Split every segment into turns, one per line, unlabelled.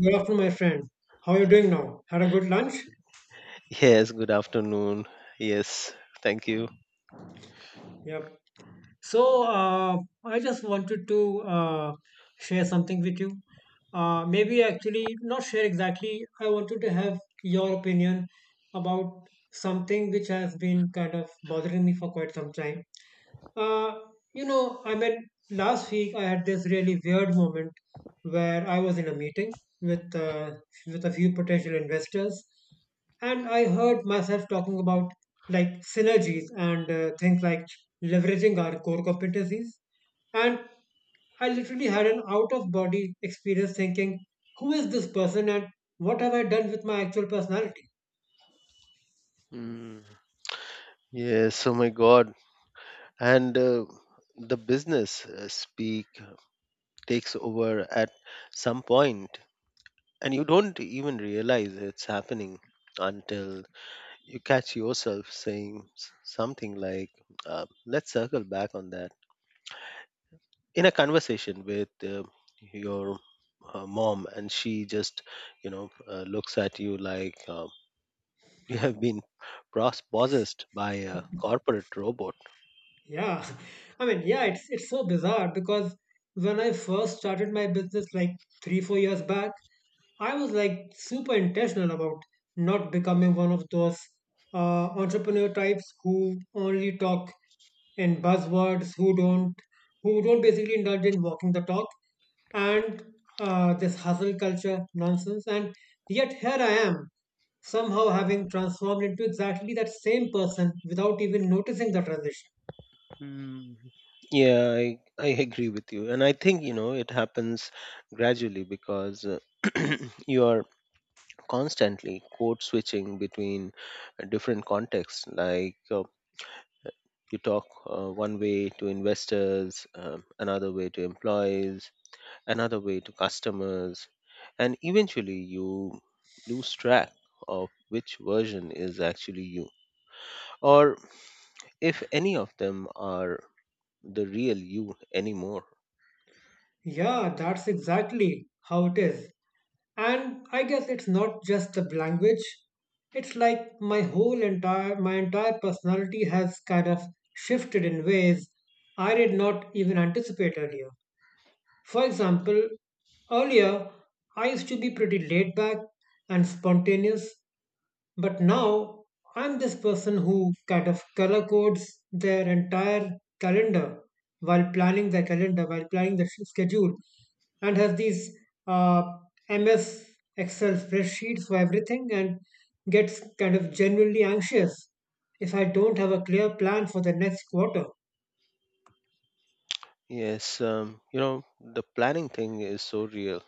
Good afternoon, my friend. How are you doing now? Had a good lunch?
Yes, good afternoon. Yes, thank you.
Yep. So, uh, I just wanted to uh, share something with you. Maybe actually, not share exactly. I wanted to have your opinion about something which has been kind of bothering me for quite some time. Uh, Last week I had this really weird moment where I was in a meeting with uh, with a few potential investors, and I heard myself talking about like synergies and things like leveraging our core competencies, and I literally had an out of body experience thinking, who is this person and what have I done with my actual personality?
Mm, Yes, oh my God. And the business speak takes over at some point, and you don't even realize it's happening until you catch yourself saying something like, let's circle back on that. In a conversation with your mom, and she just, looks at you like, you have been possessed by a corporate robot.
Yeah, I mean, yeah, it's so bizarre because when I first started my business like three, 4 years back, I was like super intentional about not becoming one of those entrepreneur types who only talk in buzzwords, who don't basically indulge in walking the talk and this hustle culture nonsense. And yet here I am, somehow having transformed into exactly that same person without even noticing the transition.
Yeah, I agree with you. And I think, it happens gradually because you are constantly code switching between different contexts. Like you talk one way to investors, another way to employees, another way to customers. And eventually you lose track of which version is actually you. Or if any of them are the real you anymore.
Yeah, that's exactly how it is. And I guess it's not just the language. It's like my entire personality has kind of shifted in ways I did not even anticipate earlier. For example, earlier I used to be pretty laid back and spontaneous, but now I'm this person who kind of color codes their entire calendar while planning their calendar, while planning the schedule, and has these uh, MS Excel spreadsheets for everything and gets kind of genuinely anxious if I don't have a clear plan for the next quarter.
Yes, the planning thing is so real.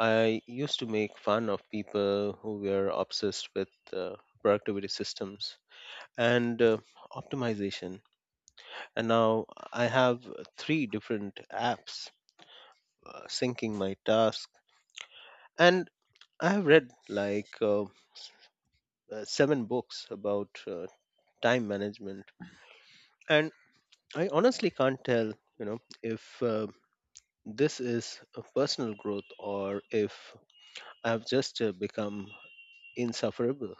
I used to make fun of people who were obsessed with productivity systems and optimization. And now I have three different apps syncing my tasks. And I have read like seven books about time management. And I honestly can't tell, if this is a personal growth or if I've just become insufferable.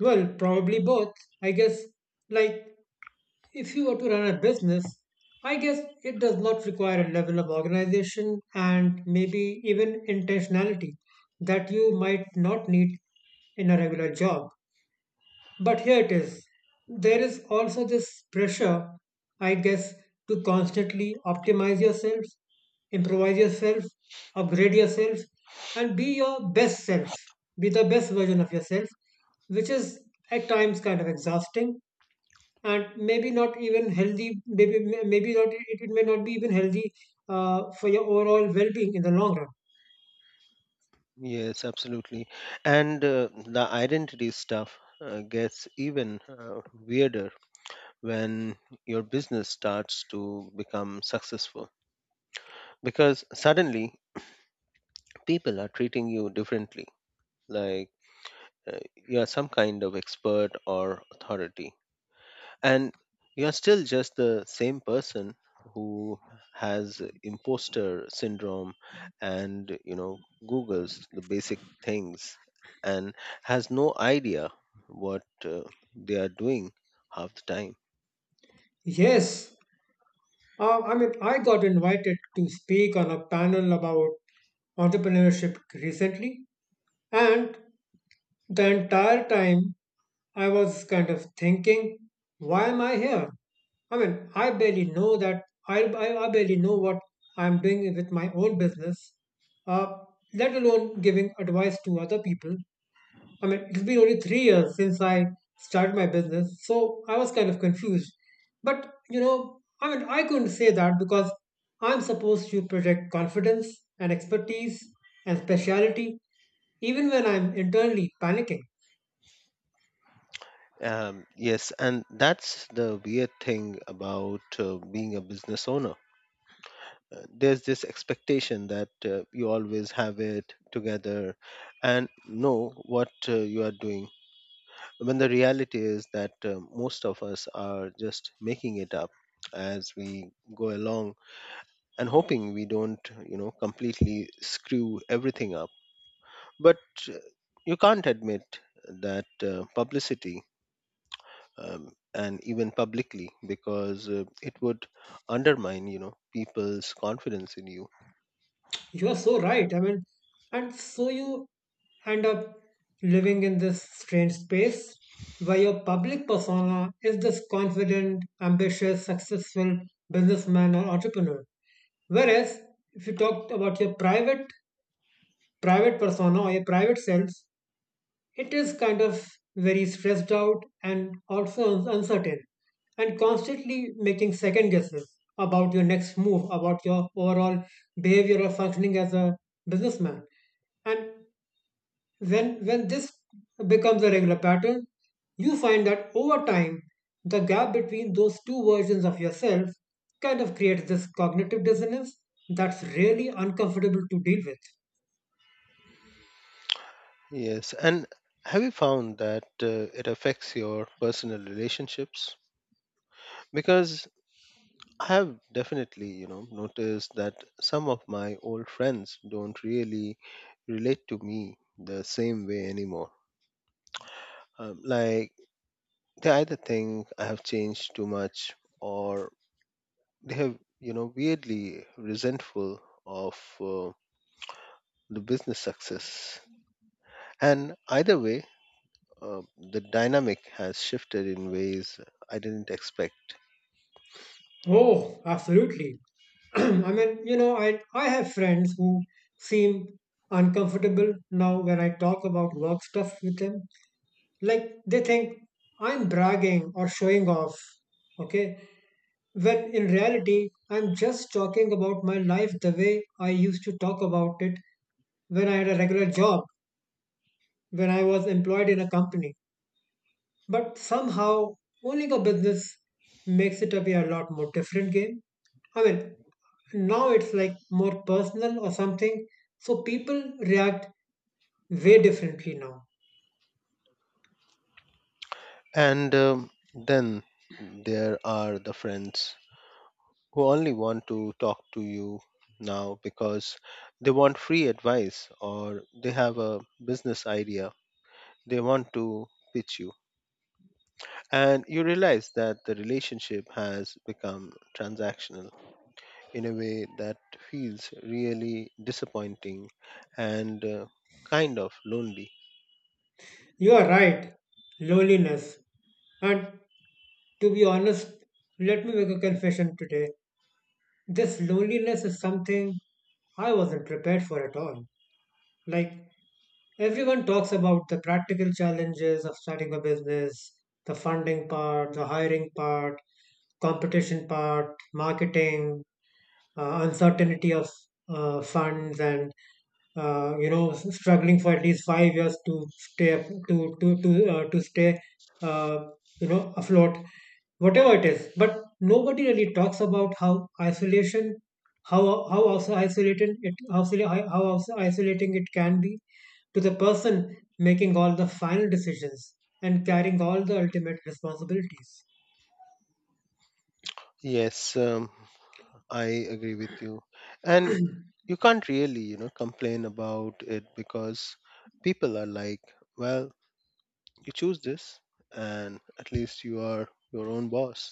Well, probably both. I guess, like, if you were to run a business, I guess it does not require a level of organization and maybe even intentionality that you might not need in a regular job. But here it is. There is also this pressure, I guess, to constantly optimize yourself, improvise yourself, upgrade yourself, and be your best self, be the best version of yourself, which is at times kind of exhausting and maybe not even healthy. Maybe, maybe not, it may not be even healthy for your overall well being in the long run.
Yes, absolutely. And the identity stuff gets even weirder when your business starts to become successful because suddenly people are treating you differently, like you are some kind of expert or authority. And you're still just the same person who has imposter syndrome and googles the basic things and has no idea what they are doing half the time.
Yes. I mean, I got invited to speak on a panel about entrepreneurship recently, and the entire time I was kind of thinking, why am I here? I mean, I barely know what I'm doing with my own business, uh, let alone giving advice to other people. I mean, it's been only 3 years since I started my business, so I was kind of confused. But you know, I mean, I couldn't say that because I'm supposed to project confidence and expertise and speciality, even when I'm internally panicking.
Yes, and that's the weird thing about being a business owner. There's this expectation that you always have it together and know what you are doing when the reality is that most of us are just making it up as we go along and hoping we don't completely screw everything up. But uh, you can't admit that publicity and even publicly because it would undermine people's confidence in you.
You are so right. I mean, and so you end up living in this strange space where your public persona is this confident, ambitious, successful businessman or entrepreneur. Whereas if you talk about your private persona or your private selves, it is kind of very stressed out and also uncertain and constantly making second guesses about your next move, about your overall behavior or functioning as a businessman. And when this becomes a regular pattern, you find that over time, the gap between those two versions of yourself kind of creates this cognitive dissonance that's really uncomfortable to deal with.
Yes, and have you found that it affects your personal relationships? Because I have definitely, noticed that some of my old friends don't really relate to me the same way anymore. Like they either think I have changed too much, or they have, weirdly resentful of uh, the business success. And either way, the dynamic has shifted in ways I didn't expect.
Oh, absolutely. I mean, you know, I have friends who seem uncomfortable now when I talk about work stuff with them. Like, they think I'm bragging or showing off, okay? When in reality, I'm just talking about my life the way I used to talk about it when I had a regular job, when I was employed in a company. But somehow, owning a business makes it appear a lot more different game. I mean, now it's like more personal or something, so people react way differently now.
And then there are the friends who only want to talk to you now because they want free advice or they have a business idea they want to pitch you. And you realize that the relationship has become transactional in a way that feels really disappointing and kind of lonely.
You are right, loneliness. And to be honest, let me make a confession today. This loneliness is something I wasn't prepared for at all. Like, everyone talks about the practical challenges of starting a business, the funding part, the hiring part, competition part, marketing, uncertainty of funds, and you know struggling for at least 5 years to stay af- to stay uh, you know afloat, whatever it is. But nobody really talks about how isolation, how how also isolated it how, how also isolating it can be to the person making all the final decisions and carrying all the ultimate responsibilities.
Yes, I agree with you. And you can't really, complain about it because people are like, well, you choose this, and at least you are your own boss.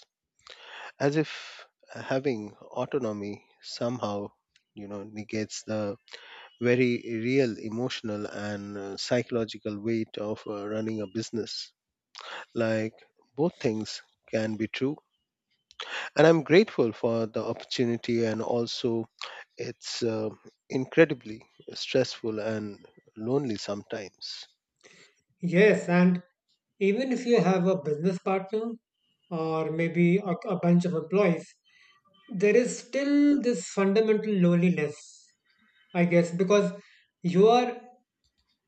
As if having autonomy somehow, negates the very real emotional and psychological weight of running a business. Like both things can be true. And I'm grateful for the opportunity, and also it's incredibly stressful and lonely sometimes.
Yes, and even if you have a business partner or maybe a bunch of employees, there is still this fundamental loneliness, I guess, because you are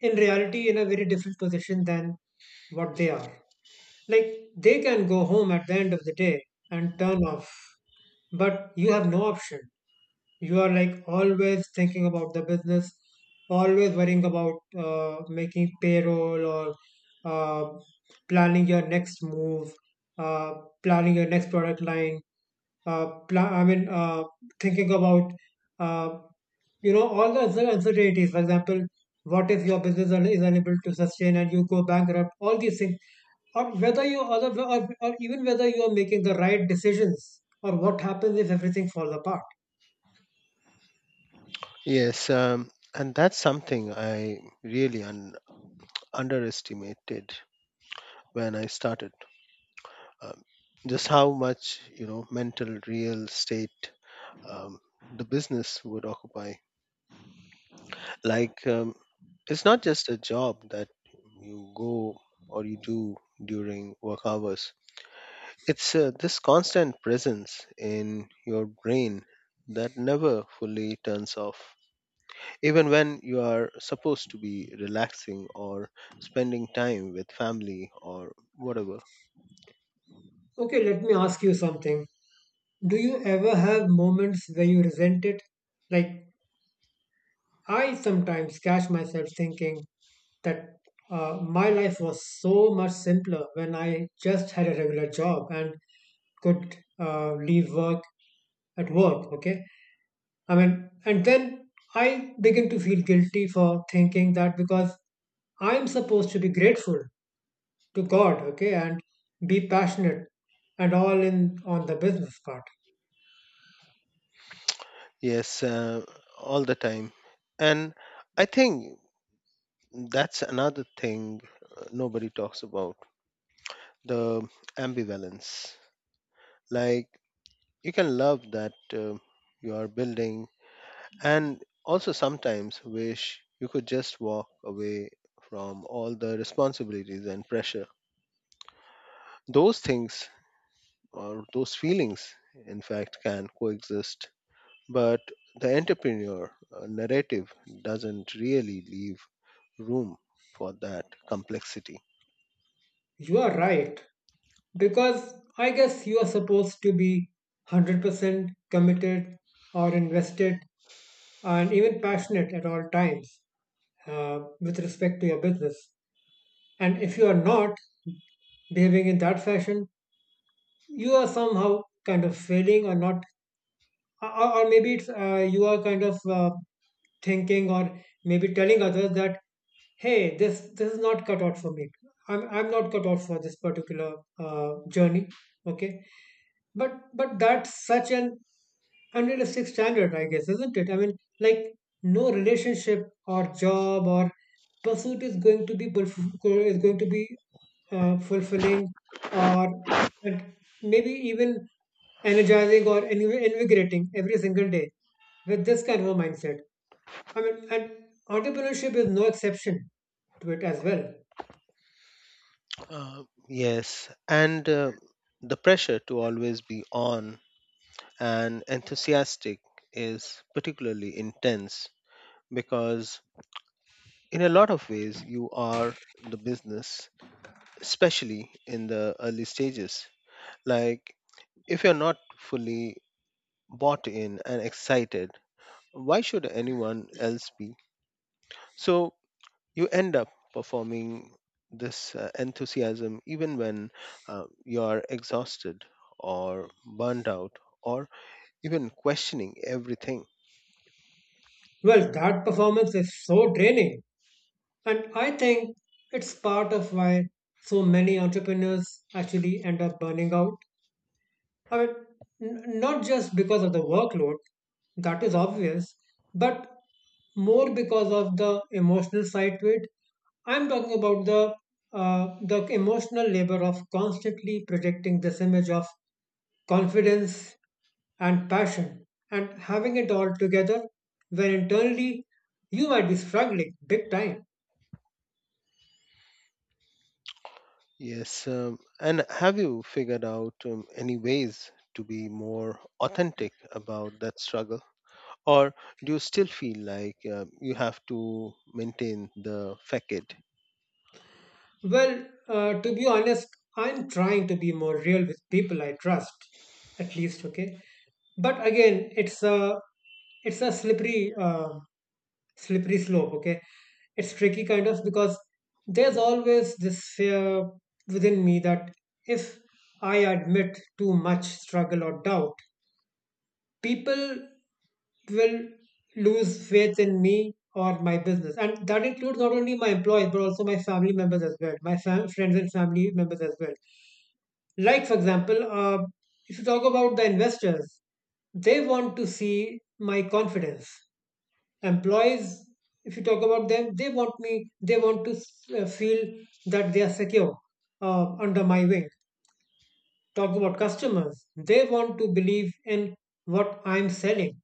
in reality in a very different position than what they are. Like they can go home at the end of the day and turn off, but you have no option. You are like always thinking about the business, always worrying about making payroll or uh, planning your next move, uh, planning your next product line, uh, pla- i mean uh, thinking about uh, you know all the other uncertainties, for example what if your business is unable to sustain and you go bankrupt, all these things, or whether you or, the, or even whether you are making the right decisions or what happens if everything falls apart.
Yes, and that's something I really underestimated when I started. Um, just how much mental real estate um, the business would occupy. Like it's not just a job that you go or you do during work hours. It's this constant presence in your brain that never fully turns off, even when you are supposed to be relaxing or spending time with family or whatever.
Okay, let me ask you something. Do you ever have moments where you resent it? Like, I sometimes catch myself thinking that my life was so much simpler when I just had a regular job and could leave work at work. Okay. I mean, and then I begin to feel guilty for thinking that because I'm supposed to be grateful to God, okay, and be passionate and all in on the business part.
Yes, all the time. And I think that's another thing nobody talks about: the ambivalence. Like, you can love that you are building, and also sometimes wish you could just walk away from all the responsibilities and pressure. Those things, or those feelings, in fact, can coexist. But the entrepreneur narrative doesn't really leave room for that complexity.
You are right, because I guess you are supposed to be 100% committed or invested and even passionate at all times with respect to your business. And if you are not behaving in that fashion, you are somehow kind of failing or not, or maybe it's, you are kind of thinking or maybe telling others that hey, this is not cut out for me, I'm not cut out for this particular journey, okay. But that's such an unrealistic standard, I guess, isn't it? I mean, like no relationship or job or pursuit is going to be fulfilling or and maybe even energizing or invigorating every single day with this kind of a mindset. I mean, and entrepreneurship is no exception to it as well.
Uh, yes, and the pressure to always be on and enthusiastic is particularly intense because, in a lot of ways, you are the business, especially in the early stages. Like, if you're not fully bought in and excited, why should anyone else be? So, you end up performing this enthusiasm even when you are exhausted or burned out or even questioning everything.
Well, that performance is so draining. And I think it's part of why so many entrepreneurs actually end up burning out. I mean, not just because of the workload, that is obvious, but more because of the emotional side to it. I'm talking about the emotional labor of constantly projecting this image of confidence and passion and having it all together when internally you might be struggling big time.
Yes, and have you figured out any ways to be more authentic about that struggle? Or do you still feel like you have to maintain the facade?
Well, to be honest, I'm trying to be more real with people I trust, at least, okay? But again, it's a slippery slippery slope, okay? It's tricky kind of because there's always this fear within me that if I admit too much struggle or doubt, people will lose faith in me or my business. And that includes not only my employees, but also my family members as well, my friends and family members as well. Like, for example, if you talk about the investors, they want to see my confidence. Employees, if you talk about them, they want to feel that they are secure under my wing. Talk about customers, they want to believe in what I'm selling.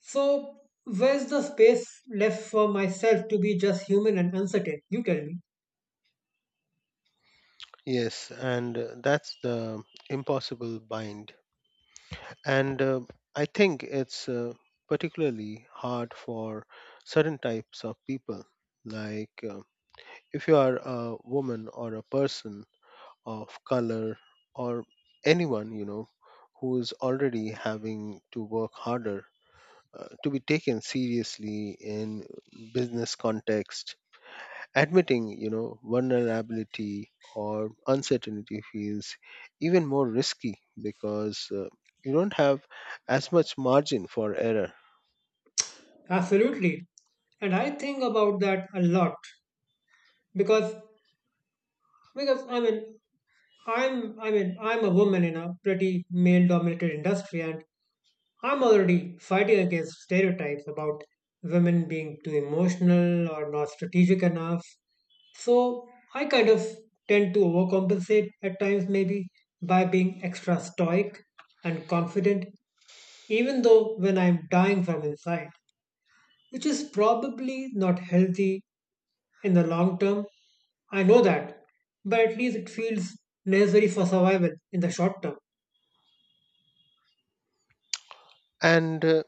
So, where's the space left for myself to be just human and uncertain? You tell me.
Yes, and that's the impossible bind. And I think it's particularly hard for certain types of people. Like if you are a woman or a person of color or anyone, who is already having to work harder to be taken seriously in business context. Admitting, vulnerability or uncertainty feels even more risky because you don't have as much margin for error.
Absolutely. And I think about that a lot because because I mean I'm a woman in a pretty male dominated industry and I'm already fighting against stereotypes about women being too emotional or not strategic enough. So I kind of tend to overcompensate at times maybe by being extra stoic and confident even though when I'm dying from inside, which is probably not healthy in the long term. I know that, but at least it feels necessary for survival in the short term.
And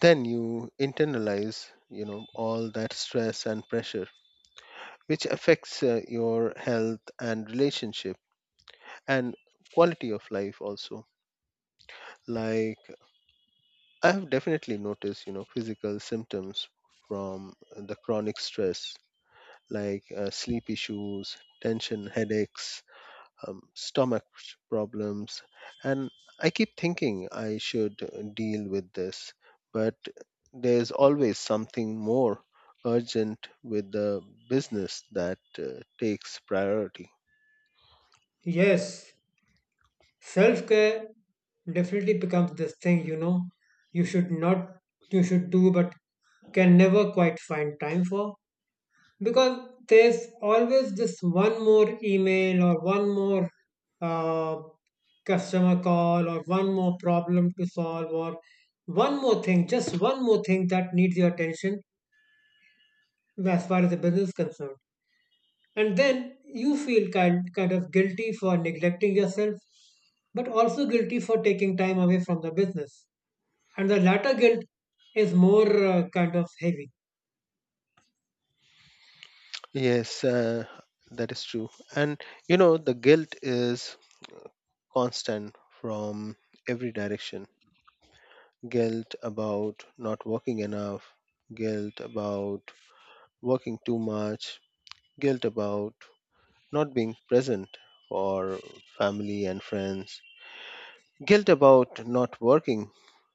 then you internalize, all that stress and pressure, which affects your health and relationship and quality of life also. Like I have definitely noticed, physical symptoms from the chronic stress, like sleep issues, tension, headaches, stomach problems. And I keep thinking I should deal with this, but there's always something more urgent with the business that takes priority.
Yes, self care definitely becomes this thing you know you should not you should do but can never quite find time for because there's always just one more email or one more uh, customer call or one more problem to solve or just one more thing that needs your attention as far as the business is concerned. And then you feel kind of guilty for neglecting yourself, but also guilty for taking time away from the business. And the latter guilt is more kind of heavy.
Yes, that is true. And the guilt is constant from every direction: guilt about not working enough, guilt about working too much, guilt about not being present for family and friends, guilt about not working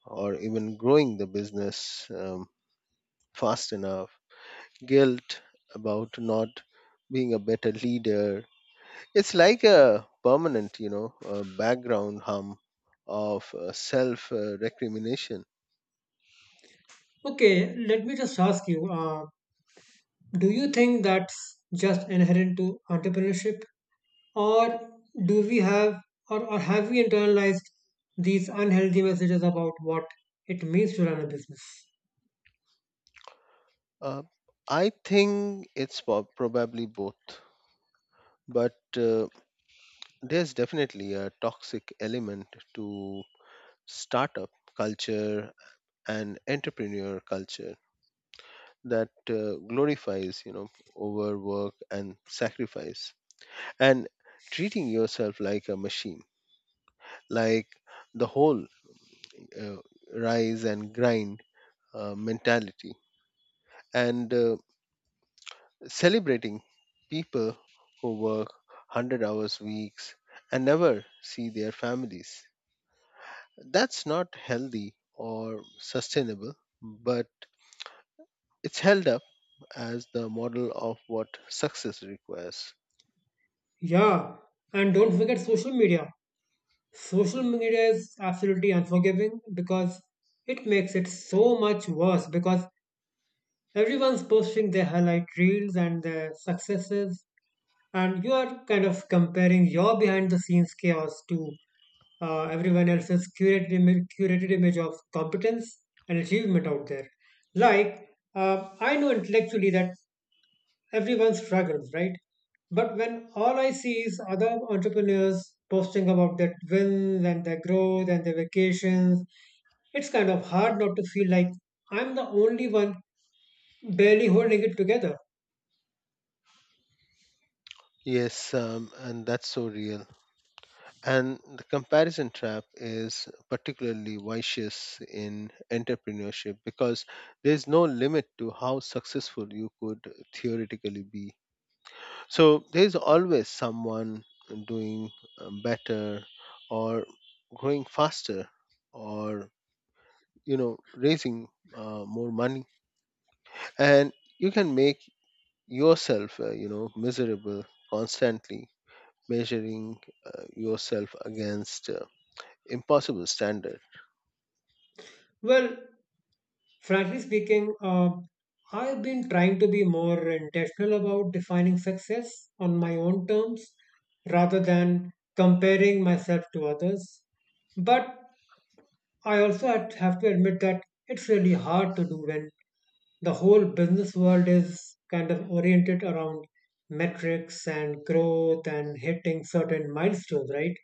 or even growing the business fast enough, guilt about not being a better leader. It's like a permanent, background hum of self recrimination.
Okay, let me just ask you. Do you think that's just inherent to entrepreneurship, or do we have, or have we internalized these unhealthy messages about what it means to run a business?
Uh, I think it's probably both, but there's definitely a toxic element to startup culture and entrepreneur culture that glorifies, overwork and sacrifice and treating yourself like a machine, like the whole uh, rise and grind mentality and celebrating people who work 100 hours weeks and never see their families. That's not healthy or sustainable, but it's held up as the model of what success requires.
Yeah, and don't forget social media. Social media is absolutely unforgiving because it makes it so much worse because everyone's posting their highlight reels and their successes, and you are kind of comparing your behind the scenes chaos to everyone else's curated image of competence and achievement out there. Like, I know intellectually that everyone struggles, right? But when all I see is other entrepreneurs posting about their wins and their growth and their vacations, it's kind of hard not to feel like I'm the only one barely holding it together.
Yes, and that's so real. And the comparison trap is particularly vicious in entrepreneurship because there's no limit to how successful you could theoretically be. So there's always someone doing better or growing faster or raising more money, and you can make yourself miserable, constantly measuring yourself against impossible standard.
Well, frankly speaking, I've been trying to be more intentional about defining success on my own terms rather than comparing myself to others. But I also have to admit that it's really hard to do when the whole business world is kind of oriented around metrics and growth and hitting certain milestones, right?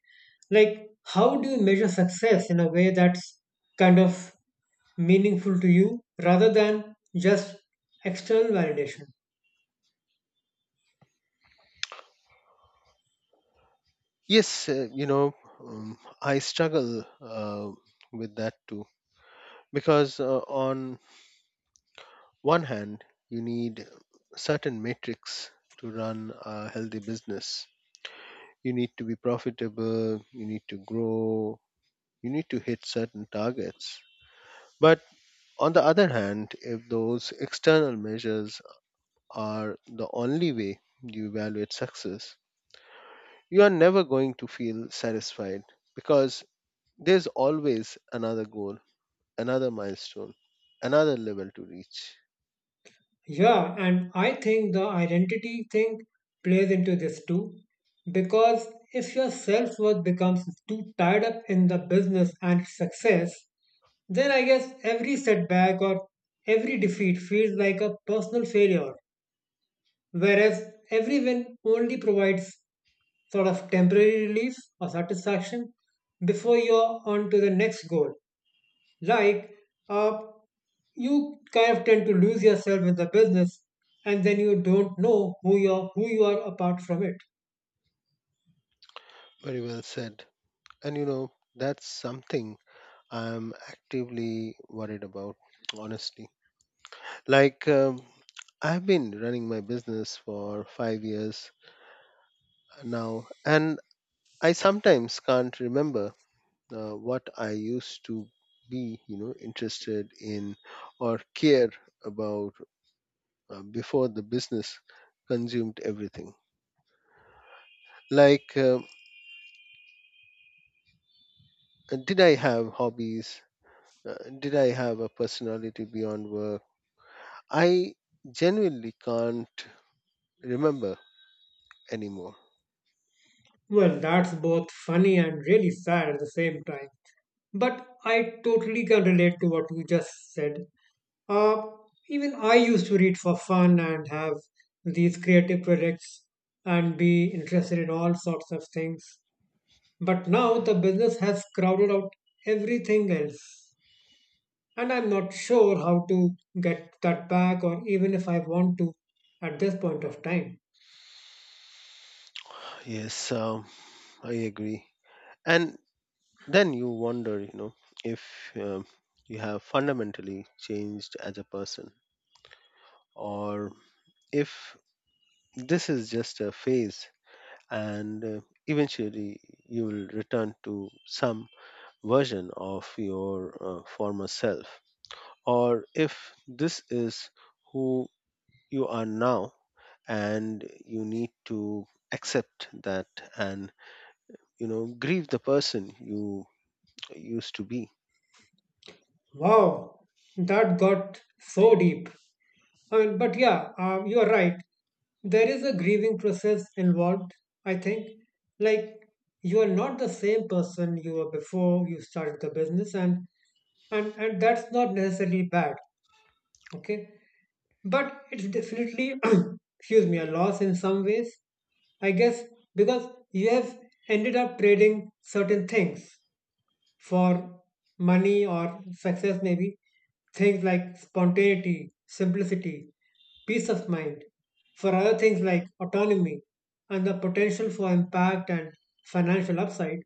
Like, how do you measure success in a way that's kind of meaningful to you rather than just external validation.
Yes, I struggle with that too, because on one hand you need certain metrics to run a healthy business. You need to be profitable, you need to grow, you need to hit certain targets. But on the other hand, if those external measures are the only way you evaluate success, you are never going to feel satisfied because there's always another goal, another milestone, another level to reach.
Yeah, and I think the identity thing plays into this too, because if your self worth becomes too tied up in the business and success, then I guess every setback or every defeat feels like a personal failure, whereas every win only provides sort of temporary relief or satisfaction before you're on to the next goal. Like, uh, you kind of tend to lose yourself in the business, and then you don't know who you're who you are apart from it.
Very well said. And that's something I'm actively worried about, honestly. Like, I've been running my business for 5 years now, and I sometimes can't remember what I used to be, interested in or care about before the business consumed everything. Like, did I have hobbies? Did I have a personality beyond work? I genuinely can't remember anymore.
Well, that's both funny and really sad at the same time. But I totally can relate to what you just said. Uh, even I used to read for fun and have these creative projects and be interested in all sorts of things. But now the business has crowded out everything else, and I'm not sure how to get that back or even if I want to at this point of time.
Yes, I agree. And then you wonder, if you have fundamentally changed as a person, or if this is just a phase, and eventually you will return to some version of your former self. Or if this is who you are now, and you need to accept that and grieve the person you used to be.
Wow, that got so deep. I mean, but yeah, you're right. There is a grieving process involved, I think. Like, you are not the same person you were before you started the business, and and that's not necessarily bad, okay. But it's definitely, excuse me, a loss in some ways, I guess, because you have ended up trading certain things for money or success, maybe things like spontaneity, simplicity, peace of mind, for other things like autonomy and the potential for impact and financial upside.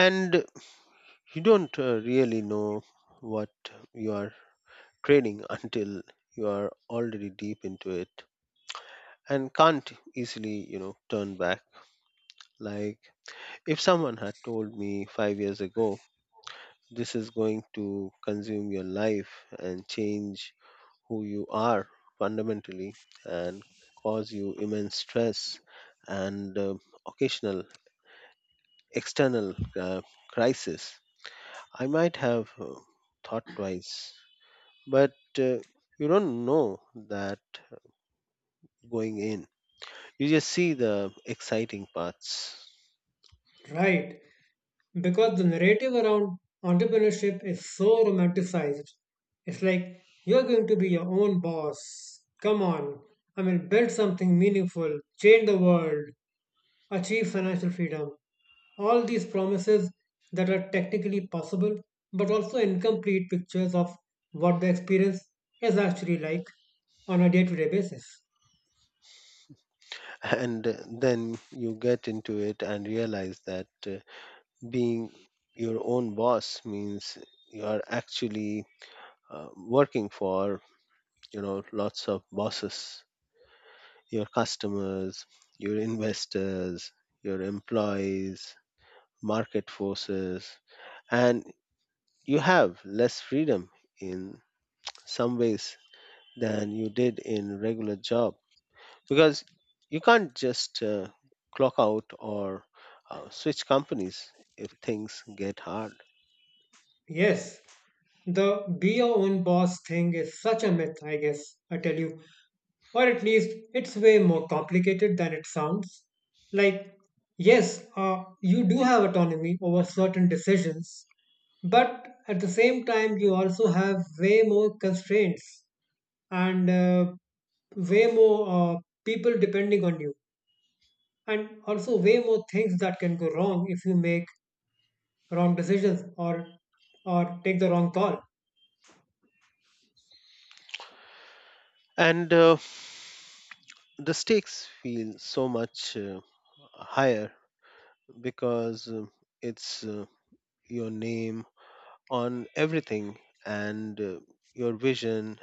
And you don't really know what you are trading until you are already deep into it and can't easily, turn back. Like if someone had told me 5 years ago, this is going to consume your life and change who you are fundamentally and cause you immense stress and occasional external crisis, I might have thought twice. But uh, you don't know that going in. You just see the exciting parts.
Right. Because the narrative around entrepreneurship is so romanticized. It's like you're going to be your own boss. Come on, I mean, build something meaningful, change the world, achieve financial freedom. All these promises that are technically possible, but also incomplete pictures of what the experience is actually like on a day to day basis.
And then you get into it and realize that being your own boss means you are actually working for lots of bosses: your customers, your investors, your employees, market forces. And you have less freedom in some ways than you did in regular job, because you can't just clock out or switch companies if things get hard.
Yes, the be your own boss thing is such a myth, I guess, I tell you. Or at least it's way more complicated than it sounds. Like, yes, you do have autonomy over certain decisions, but at the same time, you also have way more constraints and way more people depending on you, and also way more things that can go wrong if you make wrong decisions or take the wrong call.
And the stakes feel so much higher because it's your name on everything and your vision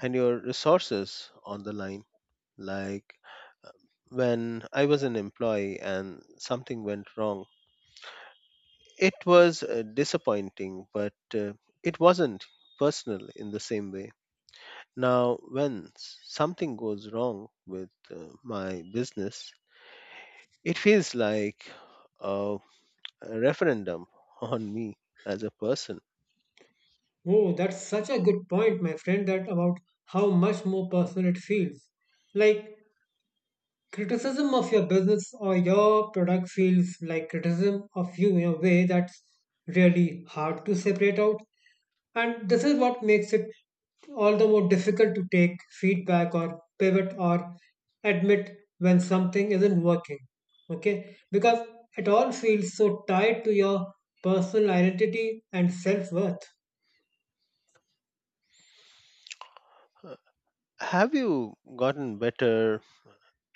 and your resources on the line. Like when I was an employee and something went wrong, it was disappointing, but it wasn't personal in the same way. Now, when something goes wrong with my business, it feels like a a referendum on me as a person.
Oh, that's such a good point, my friend, that about how much more personal it feels. Like criticism of your business or your product feels like criticism of you in a way that's really hard to separate out. And this is what makes it all the more difficult to take feedback or pivot or admit when something isn't working. Okay? Because it all feels so tied to your personal identity and self worth.
Uh, Have you gotten better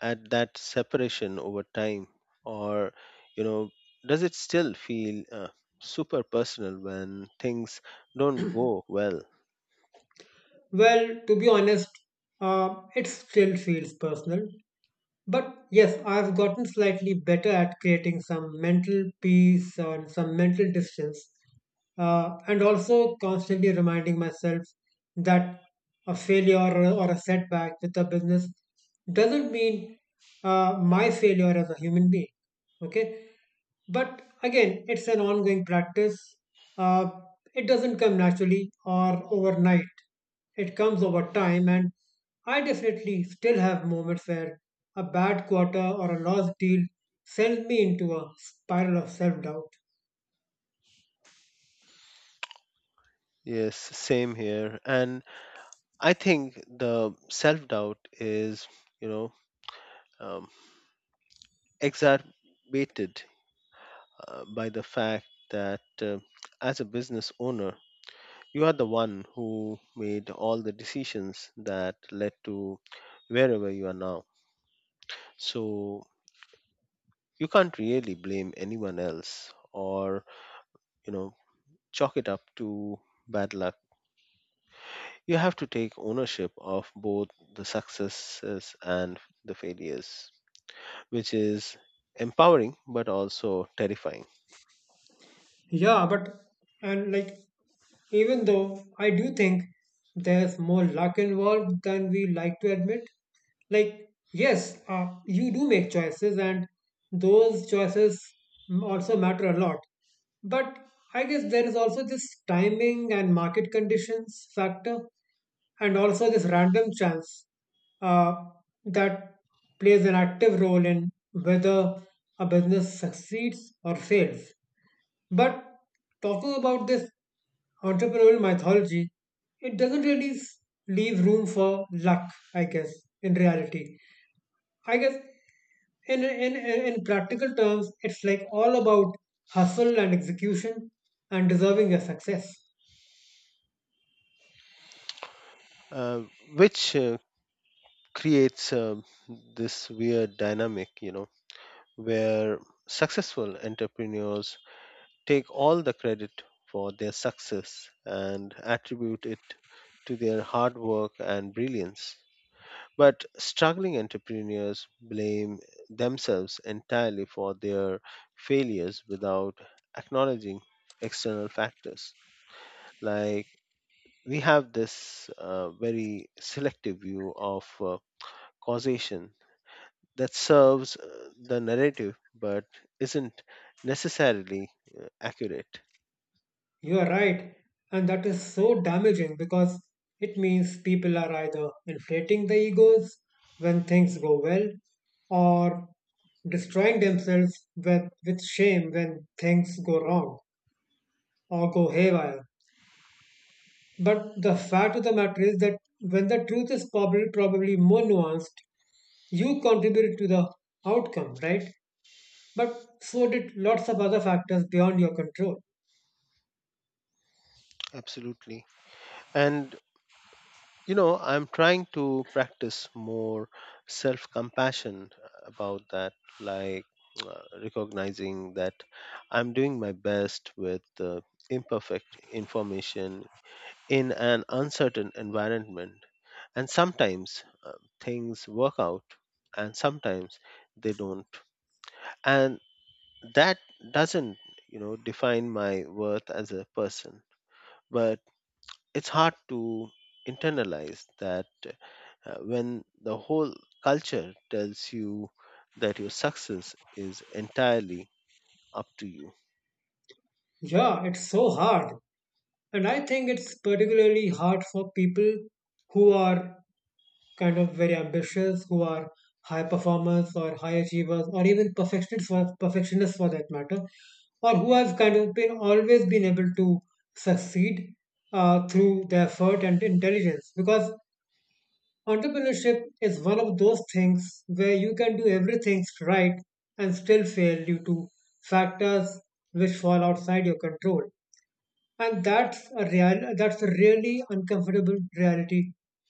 at that separation over time, or you know, does it still feel super personal when things don't go well?
Well, to be honest, it still feels personal. But yes, I've gotten slightly better at creating some mental peace or some mental distance, and also constantly reminding myself that a failure or a setback with a business doesn't mean my failure as a human being. Okay, but again, it's an ongoing practice. Uh, it doesn't come naturally or overnight. It comes over time, and I definitely still have moments where a bad quarter or a lost deal sends me into a spiral of self doubt.
Yes, same here, and I think the self doubt is, you know, um, exacerbated by the fact that as a business owner, you are the one who made all the decisions that led to wherever you are now. So you can't really blame anyone else or, you know, chalk it up to bad luck. You have to take ownership of both the successes and the failures, which is empowering but also terrifying,
Yeah, but and like even though I do think there's more luck involved than we like to admit. Like, yes, you do make choices, and those choices also matter a lot. But I guess there is also this timing and market conditions factor, and also this random chance uh, that plays an active role in whether a business succeeds or fails. But talking about this entrepreneurial mythology, it doesn't really leave room for luck, I guess, in reality. I guess in practical terms, it's like all about hustle and execution and deserving a success.
uh, which creates this weird dynamic, where successful entrepreneurs take all the credit for their success and attribute it to their hard work and brilliance. But struggling entrepreneurs blame themselves entirely for their failures without acknowledging external factors. Like, we have this very selective view of causation that serves the narrative but isn't necessarily accurate.
You are right, and that is so damaging because it means people are either inflating the egos when things go well or destroying themselves with shame when things go wrong or go haywire. But the fact of the matter is that when the truth is probably more nuanced, you contributed to the outcome, right? But so did lots of other factors beyond your control.
Absolutely. And, I'm trying to practice more self compassion about that, like recognizing that I'm doing my best with imperfect information in an uncertain environment. And sometimes things work out and sometimes they don't. And that doesn't, define my worth as a person. But it's hard to internalize that when the whole culture tells you that your success is entirely up to you.
Yeah, it's so hard. And I think it's particularly hard for people who are kind of very ambitious, who are high performers or high achievers, or even perfectionists for that matter, or who have kind of been always been able to succeed through their effort and intelligence. Because entrepreneurship is one of those things where you can do everything right and still fail due to factors which fall outside your control. And that's a real that's a really uncomfortable reality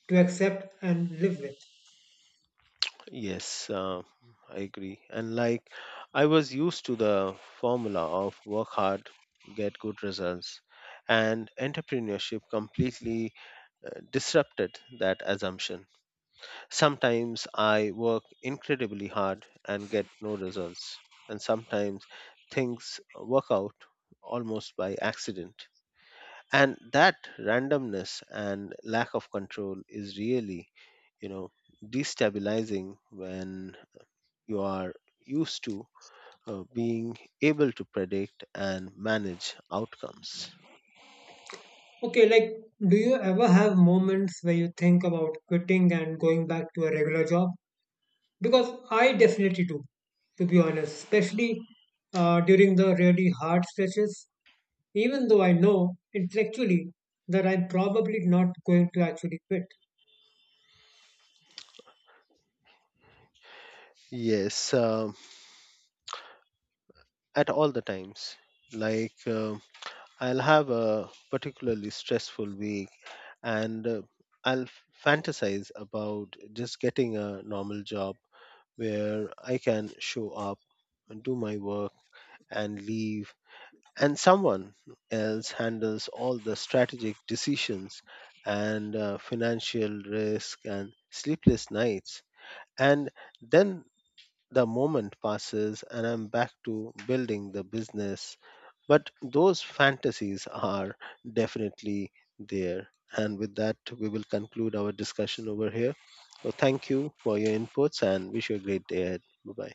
to accept and live with.
Yes, I agree. And like I was used to the formula of work hard, get good results, and entrepreneurship completely disrupted that assumption. Sometimes I work incredibly hard and get no results, and sometimes things work out almost by accident. And that randomness and lack of control is really, you know, destabilizing when you are used to being able to predict and manage outcomes.
Okay, like do you ever have moments where you think about quitting and going back to a regular job? Because I definitely do, to be honest, especially during the really hard stretches. Even though I know intellectually that I'm probably not going to actually quit.
Yes, at all the times. Like, I'll have a particularly stressful week and I'll fantasize about just getting a normal job where I can show up and do my work and leave and someone else handles all the strategic decisions and financial risk and sleepless nights. And then the moment passes and I'm back to building the business. But those fantasies are definitely there. And with that, we will conclude our discussion over here. So thank you for your inputs and wish you a great day ahead. Bye bye.